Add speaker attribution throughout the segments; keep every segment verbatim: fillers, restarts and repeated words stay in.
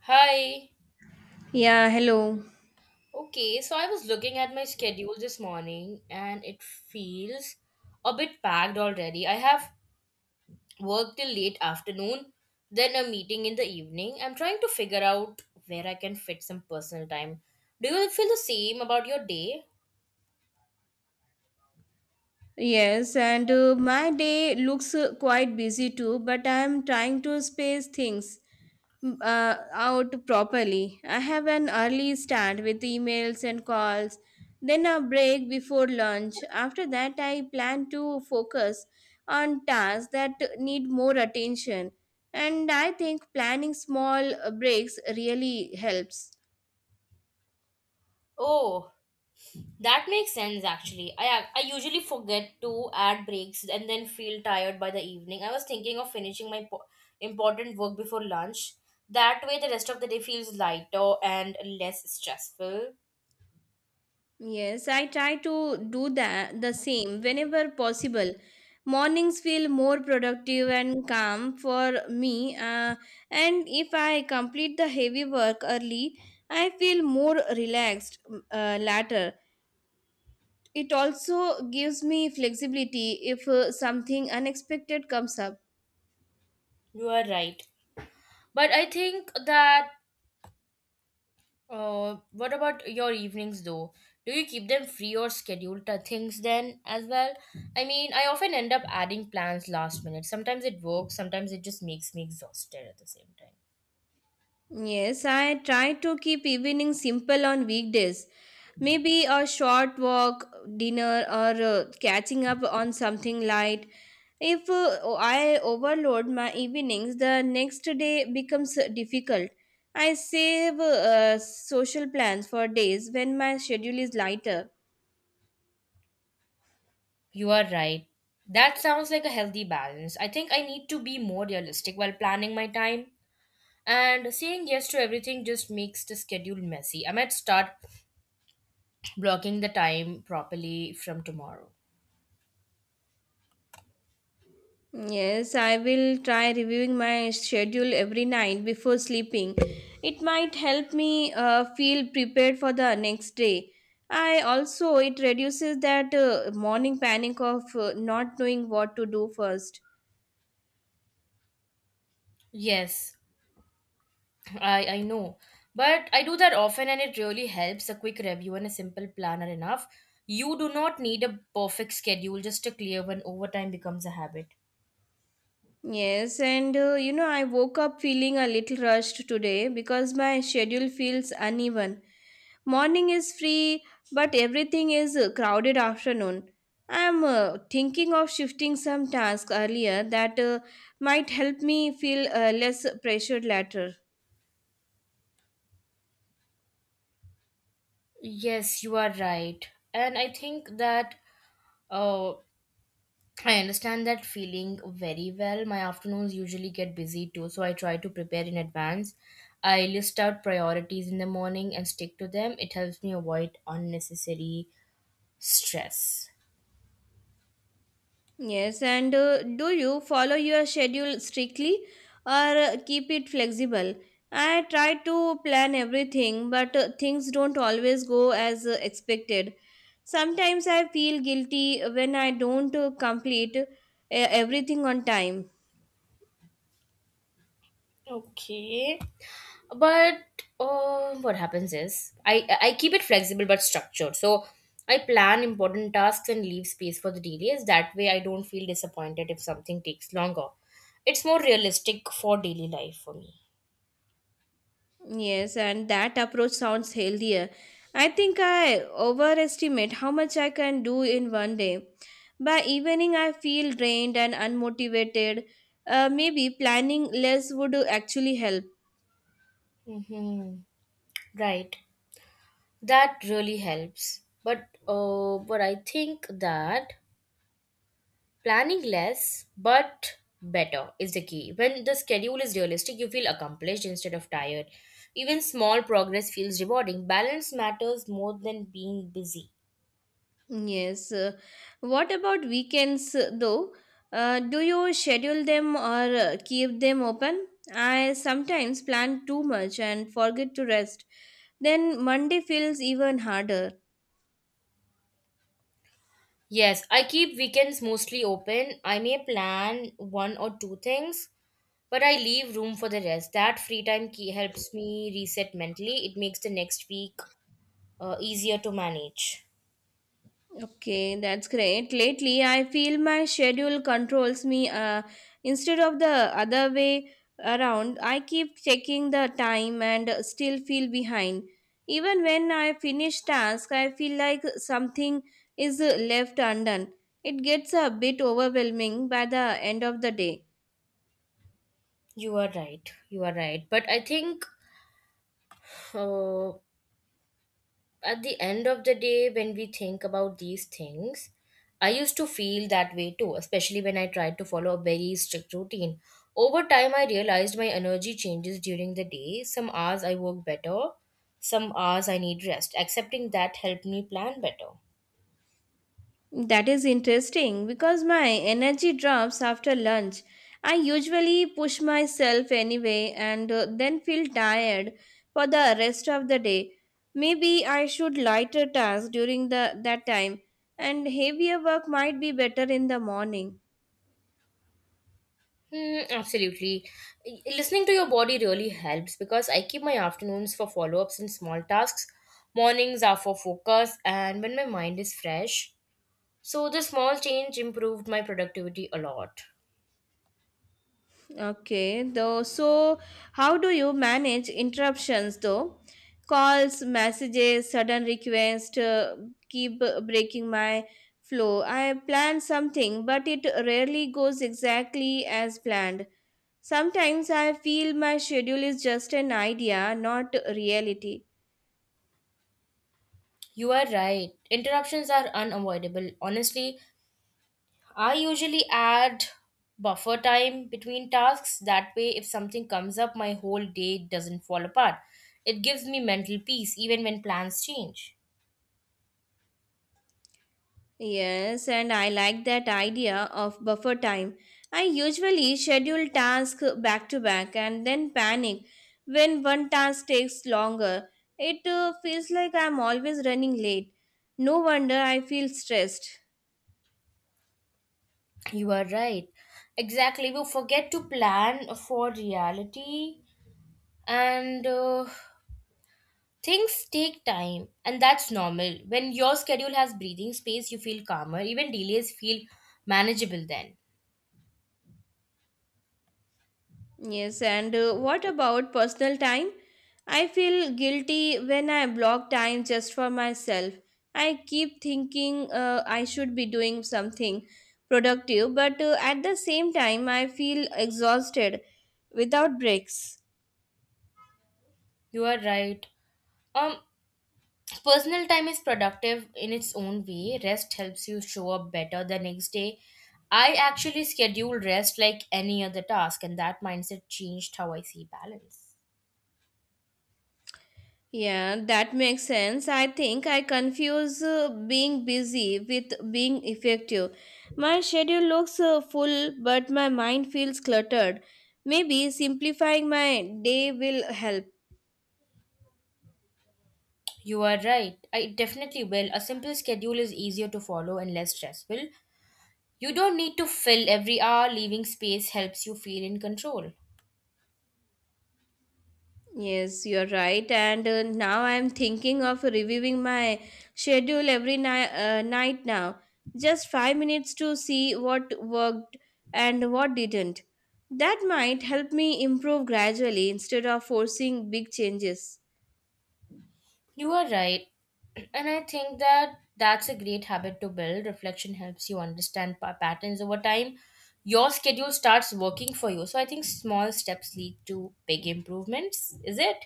Speaker 1: Hi.
Speaker 2: Yeah, hello.
Speaker 1: Okay, so I was looking at my schedule this morning and it feels a bit packed already. I have work till late afternoon, then a meeting in the evening. I'm trying to figure out where I can fit some personal time. Do you feel the same about your day?
Speaker 2: Yes, and uh, my day looks uh, quite busy too, but I am trying to space things mm, uh, out properly. I have an early start with emails and calls, then a break before lunch. After that, I plan to focus on tasks that need more attention, and I think planning small uh, breaks really helps.
Speaker 1: Oh, that makes sense actually. I ac- I usually forget to add breaks and then feel tired by the evening. I was thinking of finishing my po- important work before lunch. That way the rest of the day feels lighter and less stressful.
Speaker 2: Yes, I try to do that the same whenever possible. Mornings feel more productive and calm for me, uh, and if I complete the heavy work early, I feel more relaxed uh, later. It also gives me flexibility if uh, something unexpected comes up.
Speaker 1: You are right. But I think that uh what about your evenings though? Do you keep them free or schedule to things then as well? I mean, I often end up adding plans last minute. Sometimes it works, sometimes it just makes me exhausted at the same time.
Speaker 2: Yes, I try to keep evening simple on weekdays. Maybe a short walk, dinner, or uh, catching up on something light. If uh, I overload my evenings, the next day becomes uh, difficult. I save uh, social plans for days when my schedule is lighter.
Speaker 1: You are right. That sounds like a healthy balance. I think I need to be more realistic while planning my time. And saying yes to everything just makes the schedule messy. I might start blocking the time properly from tomorrow.
Speaker 2: Yes, I will try reviewing my schedule every night before sleeping. It might help me uh, feel prepared for the next day. I also it reduces that uh, morning panic of uh, not knowing what to do first.
Speaker 1: Yes, I, I know. But I do that often and it really helps. A quick review and a simple plan are enough. You do not need a perfect schedule, just a clear one over time becomes a habit.
Speaker 2: Yes, and uh, you know, I woke up feeling a little rushed today because my schedule feels uneven. Morning is free, but everything is uh, crowded afternoon. I'm uh, thinking of shifting some tasks earlier that uh, might help me feel uh, less pressured later.
Speaker 1: Yes, you are right. And I think that uh, I understand that feeling very well. My afternoons usually get busy too, so I try to prepare in advance. I list out priorities in the morning and stick to them. It helps me avoid unnecessary stress.
Speaker 2: Yes, and uh, do you follow your schedule strictly or uh, keep it flexible? I try to plan everything, but uh, things don't always go as uh, expected. Sometimes I feel guilty when I don't uh, complete uh, everything on time.
Speaker 1: Okay. But uh, what happens is I I keep it flexible but structured. So I plan important tasks and leave space for the delays. That way, I don't feel disappointed if something takes longer. It's more realistic for daily life for me.
Speaker 2: Yes, and that approach sounds healthier. I think I overestimate how much I can do in one day. By evening, I feel drained and unmotivated. Uh, maybe planning less would actually help.
Speaker 1: Mm-hmm. Right. That really helps. But uh, but I think that planning less but better is the key. When the schedule is realistic, you feel accomplished instead of tired. Even small progress feels rewarding. Balance matters more than being busy.
Speaker 2: Yes. uh, What about weekends, uh, though? Uh, do you schedule them or uh, keep them open? I sometimes plan too much and forget to rest. Then Monday feels even harder.
Speaker 1: Yes, I keep weekends mostly open. I may plan one or two things, but I leave room for the rest. That free time key helps me reset mentally. It makes the next week uh, easier to manage.
Speaker 2: Okay, that's great. Lately, I feel my schedule controls me. Uh, instead of the other way around, I keep checking the time and still feel behind. Even when I finish task, I feel like something is left undone. It gets a bit overwhelming by the end of the day.
Speaker 1: You are right. You are right. But I think uh, at the end of the day, when we think about these things, I used to feel that way too, especially when I tried to follow a very strict routine. Over time, I realized my energy changes during the day. Some hours I work better, some hours I need rest. Accepting that helped me plan better.
Speaker 2: That is interesting because my energy drops after lunch. I usually push myself anyway and uh, then feel tired for the rest of the day. Maybe I should lighter tasks during the that time and heavier work might be better in the morning.
Speaker 1: Hmm, absolutely. Y- Listening to your body really helps because I keep my afternoons for follow ups and small tasks. Mornings are for focus and when my mind is fresh. So, the small change improved my productivity a lot.
Speaker 2: Okay, though, so how do you manage interruptions though? Calls, messages, sudden requests uh, keep breaking my flow. I plan something, but it rarely goes exactly as planned. Sometimes I feel my schedule is just an idea, not reality.
Speaker 1: You are right. Interruptions are unavoidable. Honestly, I usually add buffer time between tasks. That way, if something comes up, my whole day doesn't fall apart. It gives me mental peace even when plans change.
Speaker 2: Yes, and I like that idea of buffer time. I usually schedule tasks back to back and then panic when one task takes longer. It uh, feels like I'm always running late. No wonder I feel stressed.
Speaker 1: You are right. Exactly. We forget to plan for reality and uh, things take time, and that's normal. When your schedule has breathing space, you feel calmer. Even delays feel manageable then.
Speaker 2: Yes, and uh, what about personal time? I feel guilty when I block time just for myself. I keep thinking uh, I should be doing something productive, but uh, at the same time, I feel exhausted without breaks.
Speaker 1: You are right. Um, Personal time is productive in its own way. Rest helps you show up better the next day. I actually schedule rest like any other task, and that mindset changed how I see balance.
Speaker 2: Yeah, that makes sense. I think I confuse uh, being busy with being effective. My schedule looks uh, full, but my mind feels cluttered. Maybe simplifying my day will help.
Speaker 1: You are right. I definitely will. A simple schedule is easier to follow and less stressful. You don't need to fill every hour, leaving space helps you feel in control.
Speaker 2: Yes, you're right. And uh, now I'm thinking of reviewing my schedule every ni- uh, night now. Just five minutes to see what worked and what didn't. That might help me improve gradually instead of forcing big changes.
Speaker 1: You are right. And I think that that's a great habit to build. Reflection helps you understand pa- patterns over time. Your schedule starts working for you. So I think small steps lead to big improvements. Is it?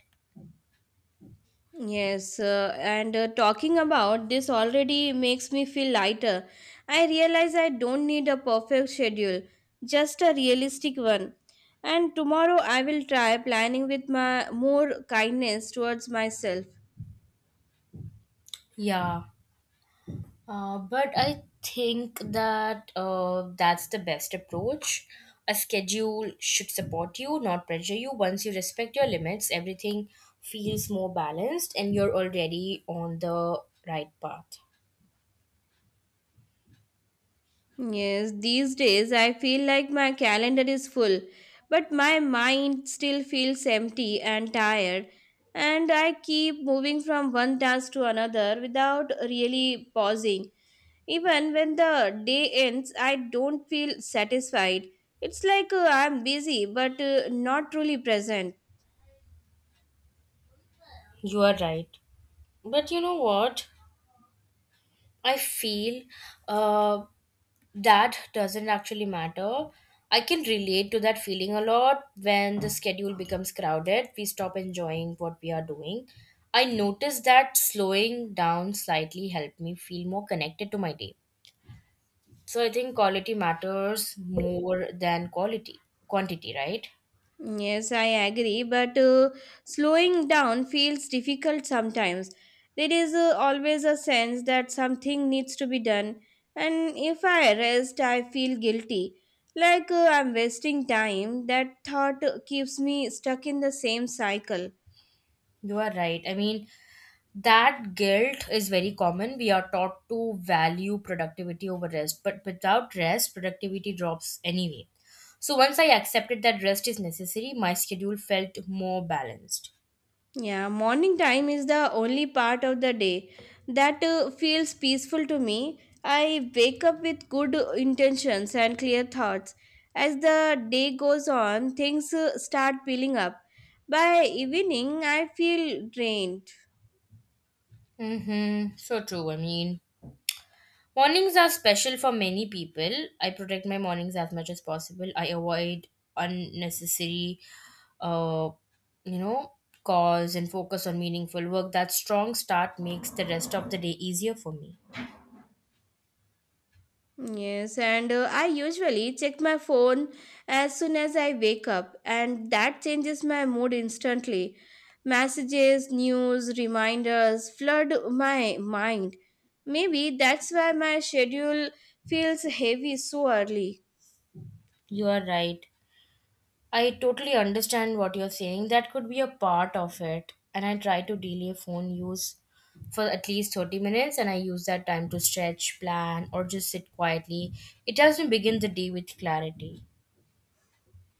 Speaker 2: Yes, uh, and uh, talking about this already makes me feel lighter. I realize I don't need a perfect schedule, just a realistic one. And tomorrow I will try planning with my more kindness towards myself.
Speaker 1: Yeah. Uh, but I think that uh, that's the best approach. A schedule should support you, not pressure you. Once you respect your limits, everything feels more balanced and you're already on the right path.
Speaker 2: Yes, these days I feel like my calendar is full, but my mind still feels empty and tired, and I keep moving from one task to another without really pausing. Even when the day ends, I don't feel satisfied. It's like uh, I'm busy but uh, not truly present.
Speaker 1: You are right. But you know what? I feel uh, that doesn't actually matter. I can relate to that feeling a lot when the schedule becomes crowded, we stop enjoying what we are doing. I noticed that slowing down slightly helped me feel more connected to my day. So I think quality matters more than quality quantity, right?
Speaker 2: Yes, I agree, but uh, slowing down feels difficult sometimes. There is uh, always a sense that something needs to be done, and if I rest, I feel guilty. Like uh, I'm wasting time, that thought uh, keeps me stuck in the same cycle.
Speaker 1: You are right. I mean, that guilt is very common. We are taught to value productivity over rest, but without rest, productivity drops anyway. So once I accepted that rest is necessary, my schedule felt more balanced.
Speaker 2: Yeah, morning time is the only part of the day that uh, feels peaceful to me. I wake up with good intentions and clear thoughts. As the day goes on, things uh, start peeling up. By evening, I feel drained.
Speaker 1: Mm-hmm. So true. I mean, mornings are special for many people. I protect my mornings as much as possible. I avoid unnecessary, uh, you know, cause and focus on meaningful work. That strong start makes the rest of the day easier for me.
Speaker 2: Yes, and uh, I usually check my phone as soon as I wake up, and that changes my mood instantly. Messages, news, reminders flood my mind. Maybe that's why my schedule feels heavy so early.
Speaker 1: You are right. I totally understand what you're saying. That could be a part of it. And I try to delay phone use for at least thirty minutes and I use that time to stretch, plan, or just sit quietly. It helps me begin the day with clarity.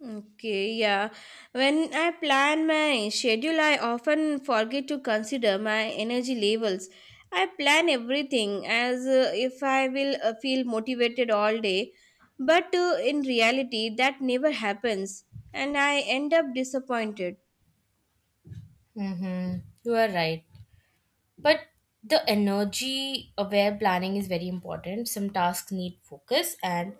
Speaker 2: Okay, yeah. When I plan my schedule, I often forget to consider my energy levels. I plan everything as uh, if I will uh, feel motivated all day, but uh, in reality, that never happens, and I end up disappointed.
Speaker 1: Mm-hmm. You are right. But the energy aware planning is very important. Some tasks need focus and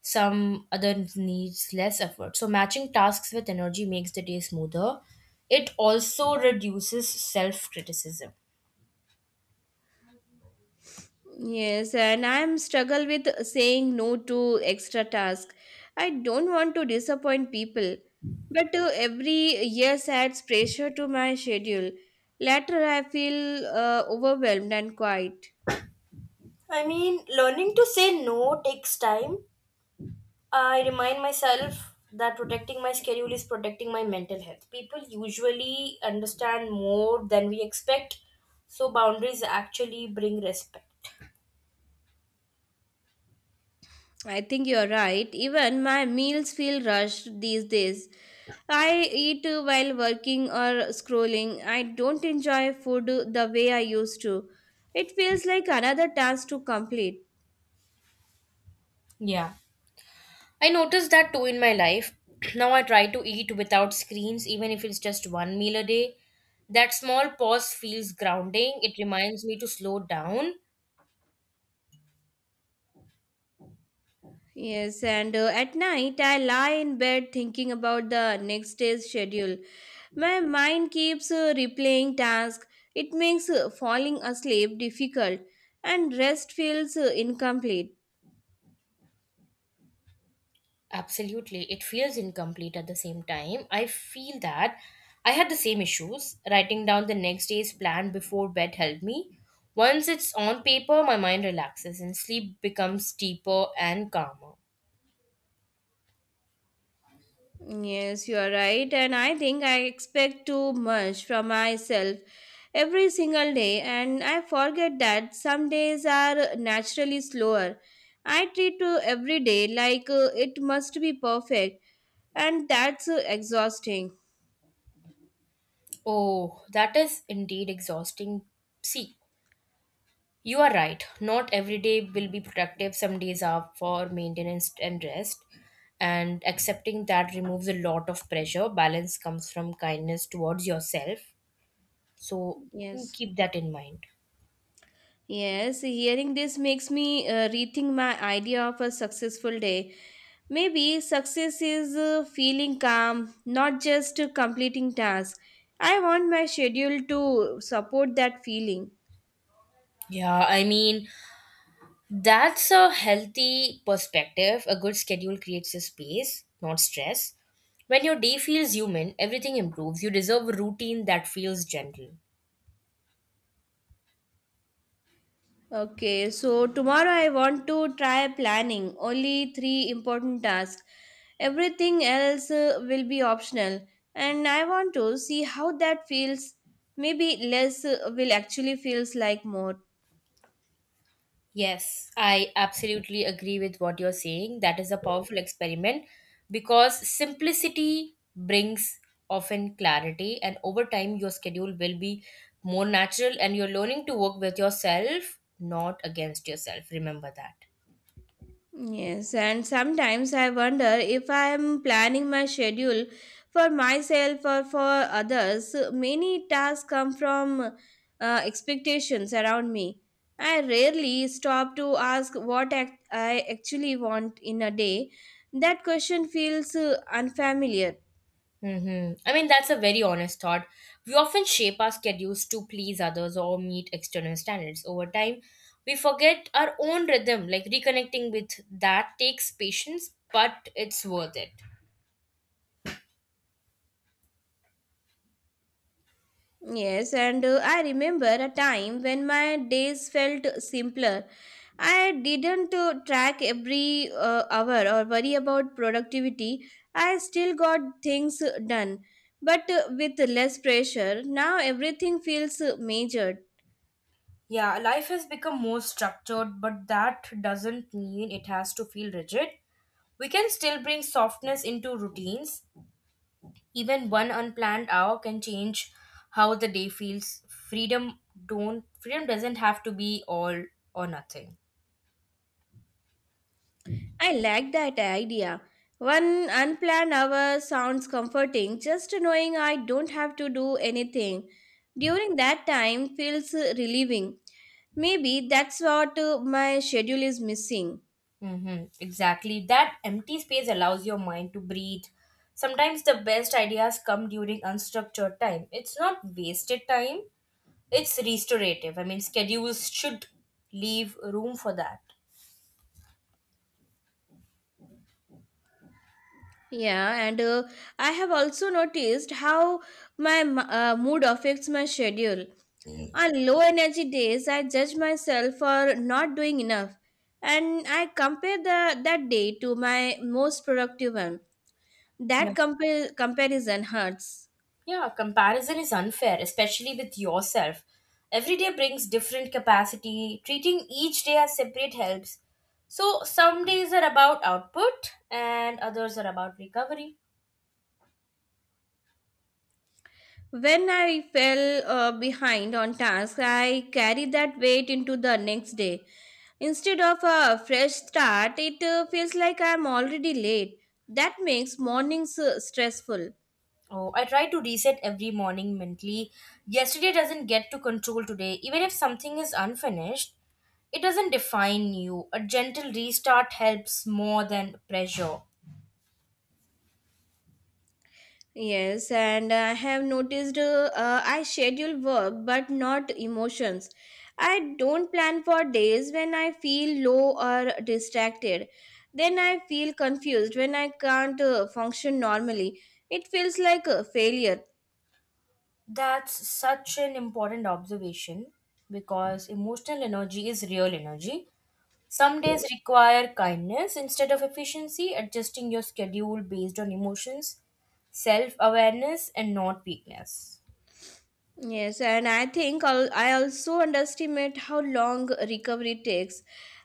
Speaker 1: some other needs less effort. So matching tasks with energy makes the day smoother. It also reduces self criticism.
Speaker 2: Yes, and I'm struggle with saying no to extra task. I don't want to disappoint people, but uh, every yes adds pressure to my schedule. Later, I feel uh, overwhelmed and quiet.
Speaker 1: I mean, learning to say no takes time. I remind myself that protecting my schedule is protecting my mental health. People usually understand more than we expect, so boundaries actually bring respect.
Speaker 2: I think you're right. Even my meals feel rushed these days. I eat uh, while working or scrolling. I don't enjoy food uh, the way I used to. It feels like another task to complete.
Speaker 1: Yeah. I noticed that too in my life. Now I try to eat without screens, even if it's just one meal a day. That small pause feels grounding. It reminds me to slow down.
Speaker 2: Yes, and uh, at night I lie in bed thinking about the next day's schedule. My mind keeps uh, replaying tasks. It makes uh, falling asleep difficult and rest feels uh, incomplete.
Speaker 1: Absolutely. It feels incomplete at the same time. I feel that I had the same issues. Writing down the next day's plan before bed helped me. Once it's on paper, my mind relaxes and sleep becomes deeper and calmer.
Speaker 2: Yes, you are right, and I think I expect too much from myself every single day, and I forget that some days are naturally slower. I treat uh, every day like uh, it must be perfect, and that's uh, exhausting.
Speaker 1: Oh, that is indeed exhausting. See, you are right. Not every day will be productive. Some days are for maintenance and rest. And accepting that removes a lot of pressure. Balance comes from kindness towards yourself. So mm,
Speaker 2: Yes.
Speaker 1: keep that in mind.
Speaker 2: Yes, hearing this makes me uh, rethink my idea of a successful day. Maybe success is uh, feeling calm, not just uh, completing tasks. I want my schedule to support that feeling.
Speaker 1: Yeah, I mean, that's a healthy perspective. A good schedule creates a space, not stress. When your day feels human, everything improves. You deserve a routine that feels gentle.
Speaker 2: Okay, so tomorrow I want to try planning only three important tasks. Everything else uh, will be optional, and I want to see how that feels. Maybe less uh, will actually feels like more.
Speaker 1: Yes, I absolutely agree with what you're saying. That is a powerful experiment because simplicity brings often clarity, and over time, your schedule will be more natural and you're learning to work with yourself, not against yourself. Remember that.
Speaker 2: Yes, and sometimes I wonder if I am planning my schedule for myself or for others. Many tasks come from uh, expectations around me. I rarely stop to ask what act- I actually want in a day. That question feels uh, unfamiliar.
Speaker 1: Mm-hmm. I mean, that's a very honest thought. We often shape our schedules to please others or meet external standards. Over time, we forget our own rhythm, like reconnecting with that takes patience, but it's worth it.
Speaker 2: Yes, and uh, I remember a time when my days felt simpler. I didn't uh, track every uh, hour or worry about productivity. I still got things done, but uh, with less pressure. Now everything feels uh, measured.
Speaker 1: Yeah, life has become more structured, but that doesn't mean it has to feel rigid. We can still bring softness into routines. Even one unplanned hour can change how the day feels. Freedom don't freedom doesn't have to be all or nothing.
Speaker 2: I like that idea. One unplanned hour sounds comforting, just knowing I don't have to do anything. During that time feels uh, relieving. Maybe that's what uh, my schedule is missing.
Speaker 1: Mm-hmm. Exactly. That empty space allows your mind to breathe. Sometimes the best ideas come during unstructured time. It's not wasted time, it's restorative. I mean, schedules should leave room for that.
Speaker 2: Yeah, and uh, I have also noticed how my m- uh, mood affects my schedule. On low energy days, I judge myself for not doing enough, and I compare the, that day to my most productive one.
Speaker 1: Yeah.
Speaker 2: That compar- comparison hurts.
Speaker 1: Yeah, comparison is unfair, especially with yourself. Every day brings different capacity. Treating each day as separate helps. So some days are about output and others are about recovery.
Speaker 2: When I fell uh, behind on tasks, I carried that weight into the next day. Instead of a fresh start, it uh, feels like I'm already late. That makes mornings uh, stressful.
Speaker 1: Oh, I try to reset every morning mentally. Yesterday doesn't get to control today. Even if something is unfinished, it doesn't define you. A gentle restart helps more than pressure.
Speaker 2: Yes, and I have noticed uh, uh, I schedule work but not emotions. I don't plan for days when I feel low or distracted. Then I feel confused when I can't uh, function normally. It feels like a failure.
Speaker 1: That's such an important observation because emotional energy is real energy. Some days require kindness instead of efficiency, adjusting your schedule based on emotions, self awareness, and not weakness.
Speaker 2: Yes, and I think al- I also underestimate how long recovery takes.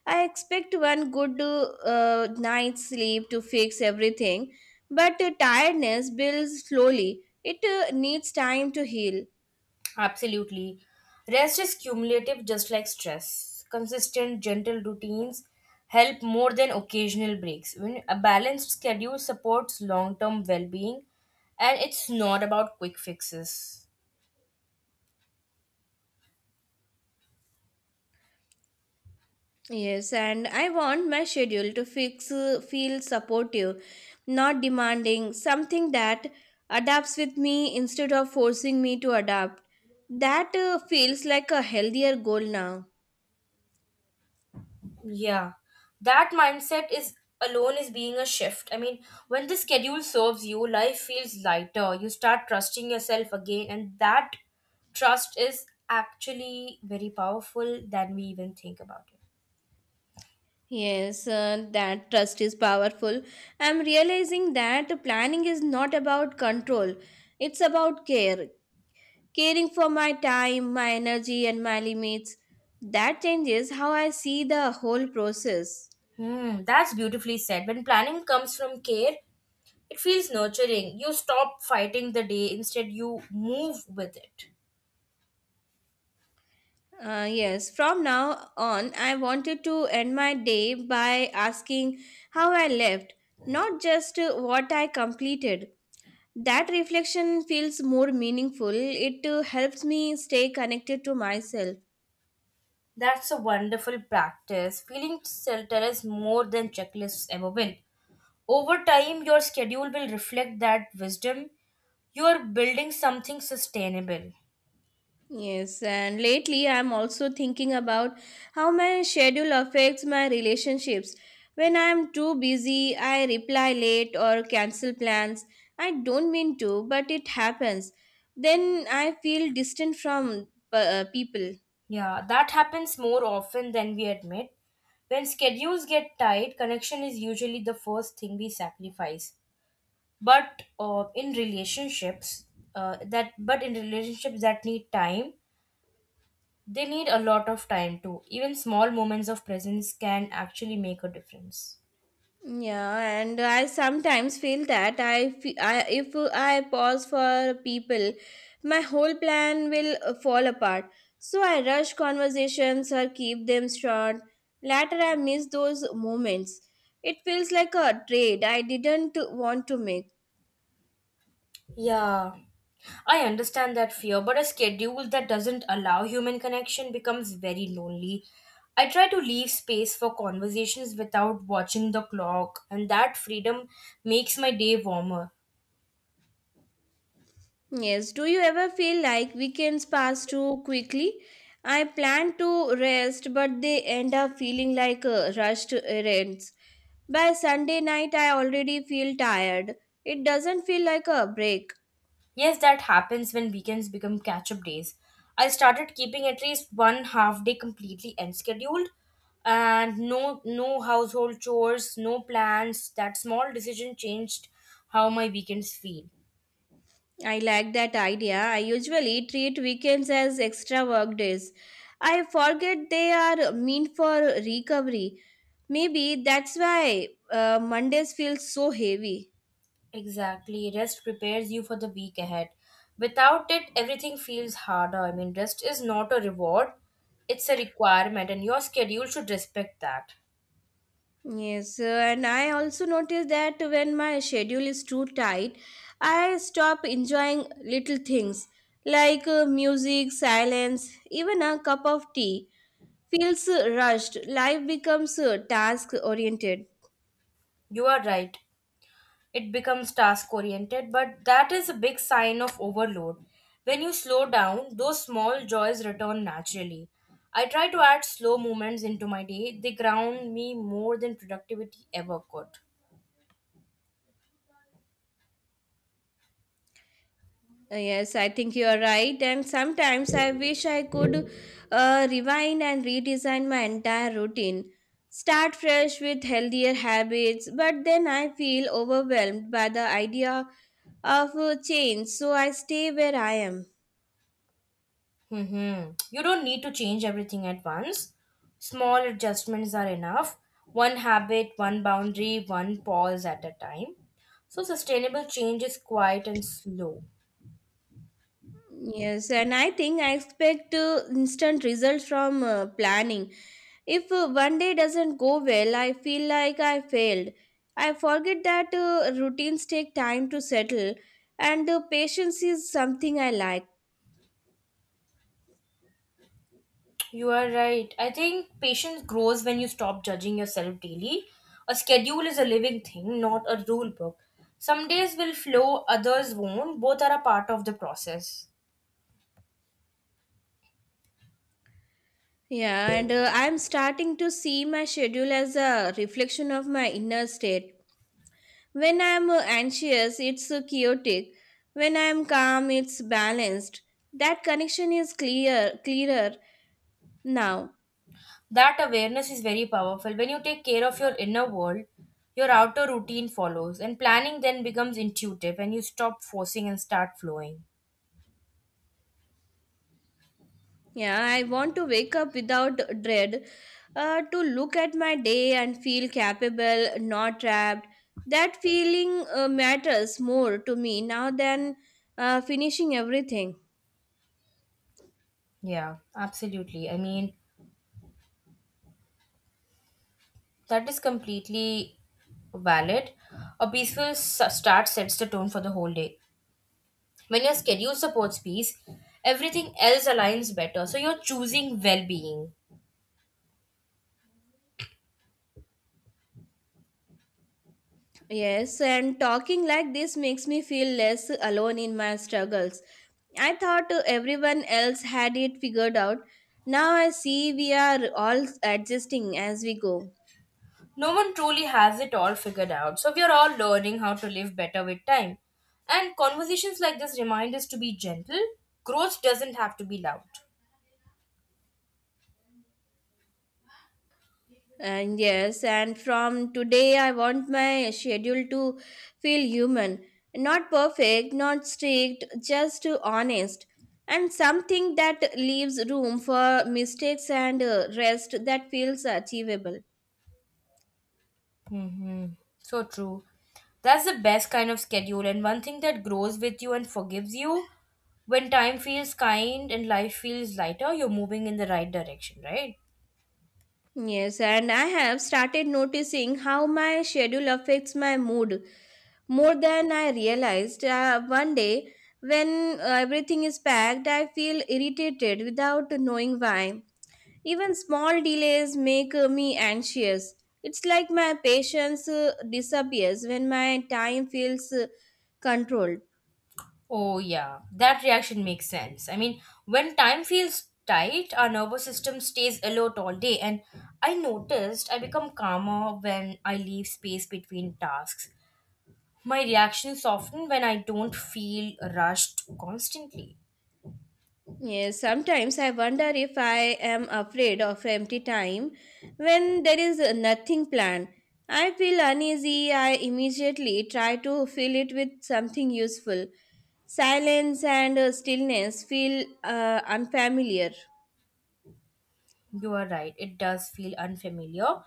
Speaker 2: I expect one good uh, night's sleep to fix everything, but uh, tiredness builds slowly. It uh, needs time to heal.
Speaker 1: Absolutely. Rest is cumulative, just like stress. Consistent, gentle routines help more than occasional breaks. When a balanced schedule supports long term well being, and it's not about quick fixes.
Speaker 2: Yes, and I want my schedule to fix uh, feel supportive, not demanding, something that adapts with me instead of forcing me to adapt. That uh, feels like a healthier goal now.
Speaker 1: Yeah, that mindset is alone is being a shift. I mean, when the schedule serves you, life feels lighter. You start trusting yourself again, and that trust is actually very powerful than we even think about it.
Speaker 2: Yes, uh, that trust is powerful. I'm realizing that planning is not about control, it's about care. Caring for my time, my energy, and my limits. That changes how I see the whole process.
Speaker 1: Hmm, that's beautifully said. When planning comes from care, it feels nurturing. You stop fighting the day, instead, you move with it.
Speaker 2: Uh, yes, from now on, I wanted to end my day by asking how I left, not just uh, what I completed. That reflection feels more meaningful. It uh, helps me stay connected to myself.
Speaker 1: That's a wonderful practice. Feeling centered is more than checklists ever win. Over time, your schedule will reflect that wisdom. You are building something sustainable.
Speaker 2: Yes, and lately I'm also thinking about how my schedule affects my relationships. When I'm too busy, I reply late or cancel plans. I don't mean to, but it happens. Then I feel distant from uh, people.
Speaker 1: Yeah, that happens more often than we admit. When schedules get tight, connection is usually the first thing we sacrifice. But uh, in relationships, uh, that but in relationships that need time, they need a lot of time too. Even small moments of presence can actually make a difference.
Speaker 2: Yeah, and I sometimes feel that I, fe- I if I pause for people, my whole plan will uh, fall apart. So I rush conversations or keep them short. Later, I miss those moments. It feels like a trade I didn't want to make.
Speaker 1: Yeah, I understand that fear, but a schedule that doesn't allow human connection becomes very lonely. I try to leave space for conversations without watching the clock, and that freedom makes my day warmer.
Speaker 2: Yes, do you ever feel like weekends pass too quickly? I plan to rest, but they end up feeling like uh, rushed errands. By Sunday night, I already feel tired. It doesn't feel like a break.
Speaker 1: Yes, that happens when weekends become catch up days. I started keeping at least one half day completely unscheduled and no no household chores, no plans. That small decision changed how my weekends feel.
Speaker 2: I like that idea. I usually treat weekends as extra work days. I forget they are meant for recovery. Maybe that's why uh, Mondays feel so heavy.
Speaker 1: Exactly. Rest prepares you for the week ahead. Without it, everything feels harder. I mean, rest is not a reward, it's a requirement, and your schedule should respect that.
Speaker 2: Yes, uh, and I also notice that when my schedule is too tight, I stop enjoying little things like uh, music, silence, even a cup of tea feels uh, rushed. Life becomes uh, task oriented.
Speaker 1: You are right. It becomes task oriented, but that is a big sign of overload. When you slow down, those small joys return naturally. I try to add slow movements into my day, they ground me more than productivity ever could.
Speaker 2: Uh, yes, I think you are right, and sometimes I wish I could uh, rewind and redesign my entire routine. Start fresh with healthier habits, but then I feel overwhelmed by the idea of a change, so I stay where I am.
Speaker 1: Mm-hmm. You don't need to change everything at once. Small adjustments are enough. One habit, one boundary, one pause at a time. So, sustainable change is quiet and slow.
Speaker 2: Yes, and I think I expect uh, instant results from uh, planning. If uh, one day doesn't go well, I feel like I failed. I forget that uh, routines take time to settle, and uh, patience is something I like.
Speaker 1: You are right. I think patience grows when you stop judging yourself daily. A schedule is a living thing, not a rule book. Some days will flow, others won't. Both are a part of the process.
Speaker 2: Yeah, and uh, I'm starting to see my schedule as a reflection of my inner state. When I'm uh, anxious, it's uh, chaotic. When I'm calm, it's balanced. That connection is clear, clearer now.
Speaker 1: That awareness is very powerful. When you take care of your inner world, your outer routine follows, and planning then becomes intuitive, and you stop forcing and start flowing.
Speaker 2: Yeah, I want to wake up without dread, uh, to look at my day and feel capable, not trapped. That feeling uh, matters more to me now than uh, finishing everything.
Speaker 1: Yeah, absolutely. I mean, that is completely valid. A peaceful s- start sets the tone for the whole day. When your schedule supports peace, everything else aligns better, so you're choosing well-being.
Speaker 2: Yes, and talking like this makes me feel less alone in my struggles. I thought uh, everyone else had it figured out. Now I see we are all adjusting as we go.
Speaker 1: No one truly has it all figured out, so we are all learning how to live better with time. And conversations like this remind us to be gentle. Growth doesn't have to be loud.
Speaker 2: And yes, and from today I want my schedule to feel human. Not perfect, not strict, just uh, honest. And something that leaves room for mistakes and uh, rest that feels achievable.
Speaker 1: Mm-hmm. So true. That's the best kind of schedule, and one thing that grows with you and forgives you. When time feels kind and life feels lighter, you're moving in the right direction, right?
Speaker 2: Yes, and I have started noticing how my schedule affects my mood more than I realized. Uh, one day, when uh, everything is packed, I feel irritated without knowing why. Even small delays make uh, me anxious. It's like my patience uh, disappears when my time feels uh, controlled.
Speaker 1: Oh, yeah, that reaction makes sense. I mean, when time feels tight, our nervous system stays alert all day, and I noticed I become calmer when I leave space between tasks. My reactions soften when I don't feel rushed constantly.
Speaker 2: Yes, sometimes I wonder if I am afraid of empty time when there is nothing planned. I feel uneasy, I immediately try to fill it with something useful. Silence and uh, stillness feel uh, unfamiliar.
Speaker 1: You are right, it does feel unfamiliar.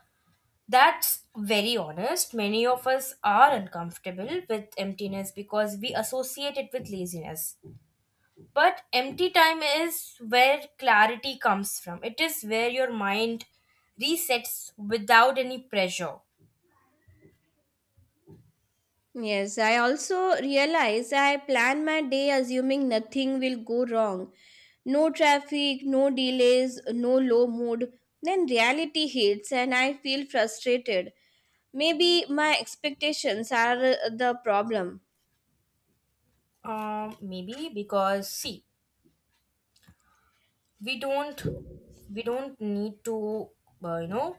Speaker 1: That's very honest. Many of us are uncomfortable with emptiness because we associate it with laziness. But empty time is where clarity comes from. It is where your mind resets without any pressure.
Speaker 2: Yes, I also realize I plan my day assuming nothing will go wrong. No traffic, no delays, no low mood. Then reality hits and I feel frustrated. Maybe my expectations are uh, the problem.
Speaker 1: Um, maybe because see, we don't we don't need to uh, you know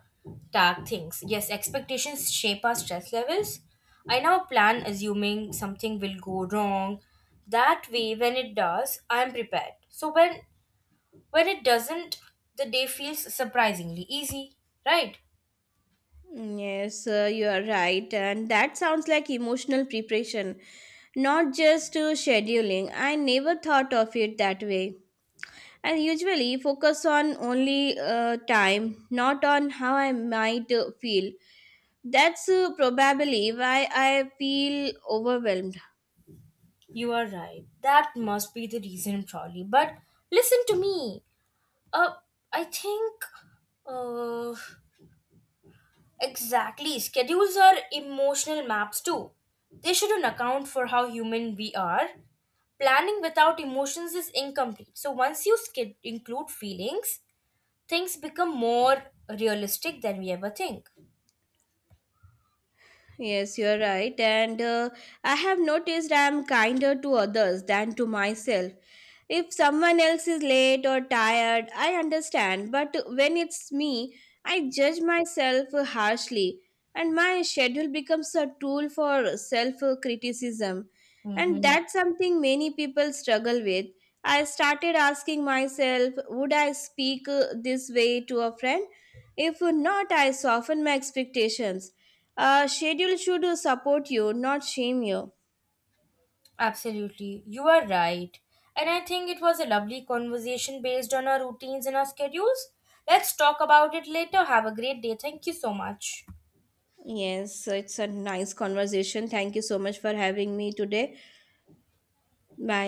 Speaker 1: tag things. Yes, expectations shape our stress levels. I now plan assuming something will go wrong. That way, when it does, I am prepared. So when when it doesn't, the day feels surprisingly easy, right?
Speaker 2: Yes, uh, you are right. And that sounds like emotional preparation, not just uh, scheduling. I never thought of it that way. And usually focus on only uh, time, not on how I might uh, feel. That's uh, probably why I feel overwhelmed.
Speaker 1: You are right. That must be the reason, probably. But listen to me. Uh, I think. Uh, exactly. Schedules are emotional maps too. They shouldn't account for how human we are. Planning without emotions is incomplete. So once you sched- include feelings, things become more realistic than we ever think.
Speaker 2: Yes, you're right. And uh, I have noticed I'm kinder to others than to myself. If someone else is late or tired, I understand. But when it's me, I judge myself harshly. And my schedule becomes a tool for self criticism. And
Speaker 1: Mhm.
Speaker 2: that's something many people struggle with. I started asking myself, would I speak uh, this way to a friend? If not, I soften my expectations uh, schedule should support you, not shame you.
Speaker 1: Absolutely, you are right. And I think it was a lovely conversation based on our routines and our schedules. Let's talk about it later. Have a great day. Thank you so much.
Speaker 2: Yes, it's a nice conversation. Thank you so much for having me today. Bye.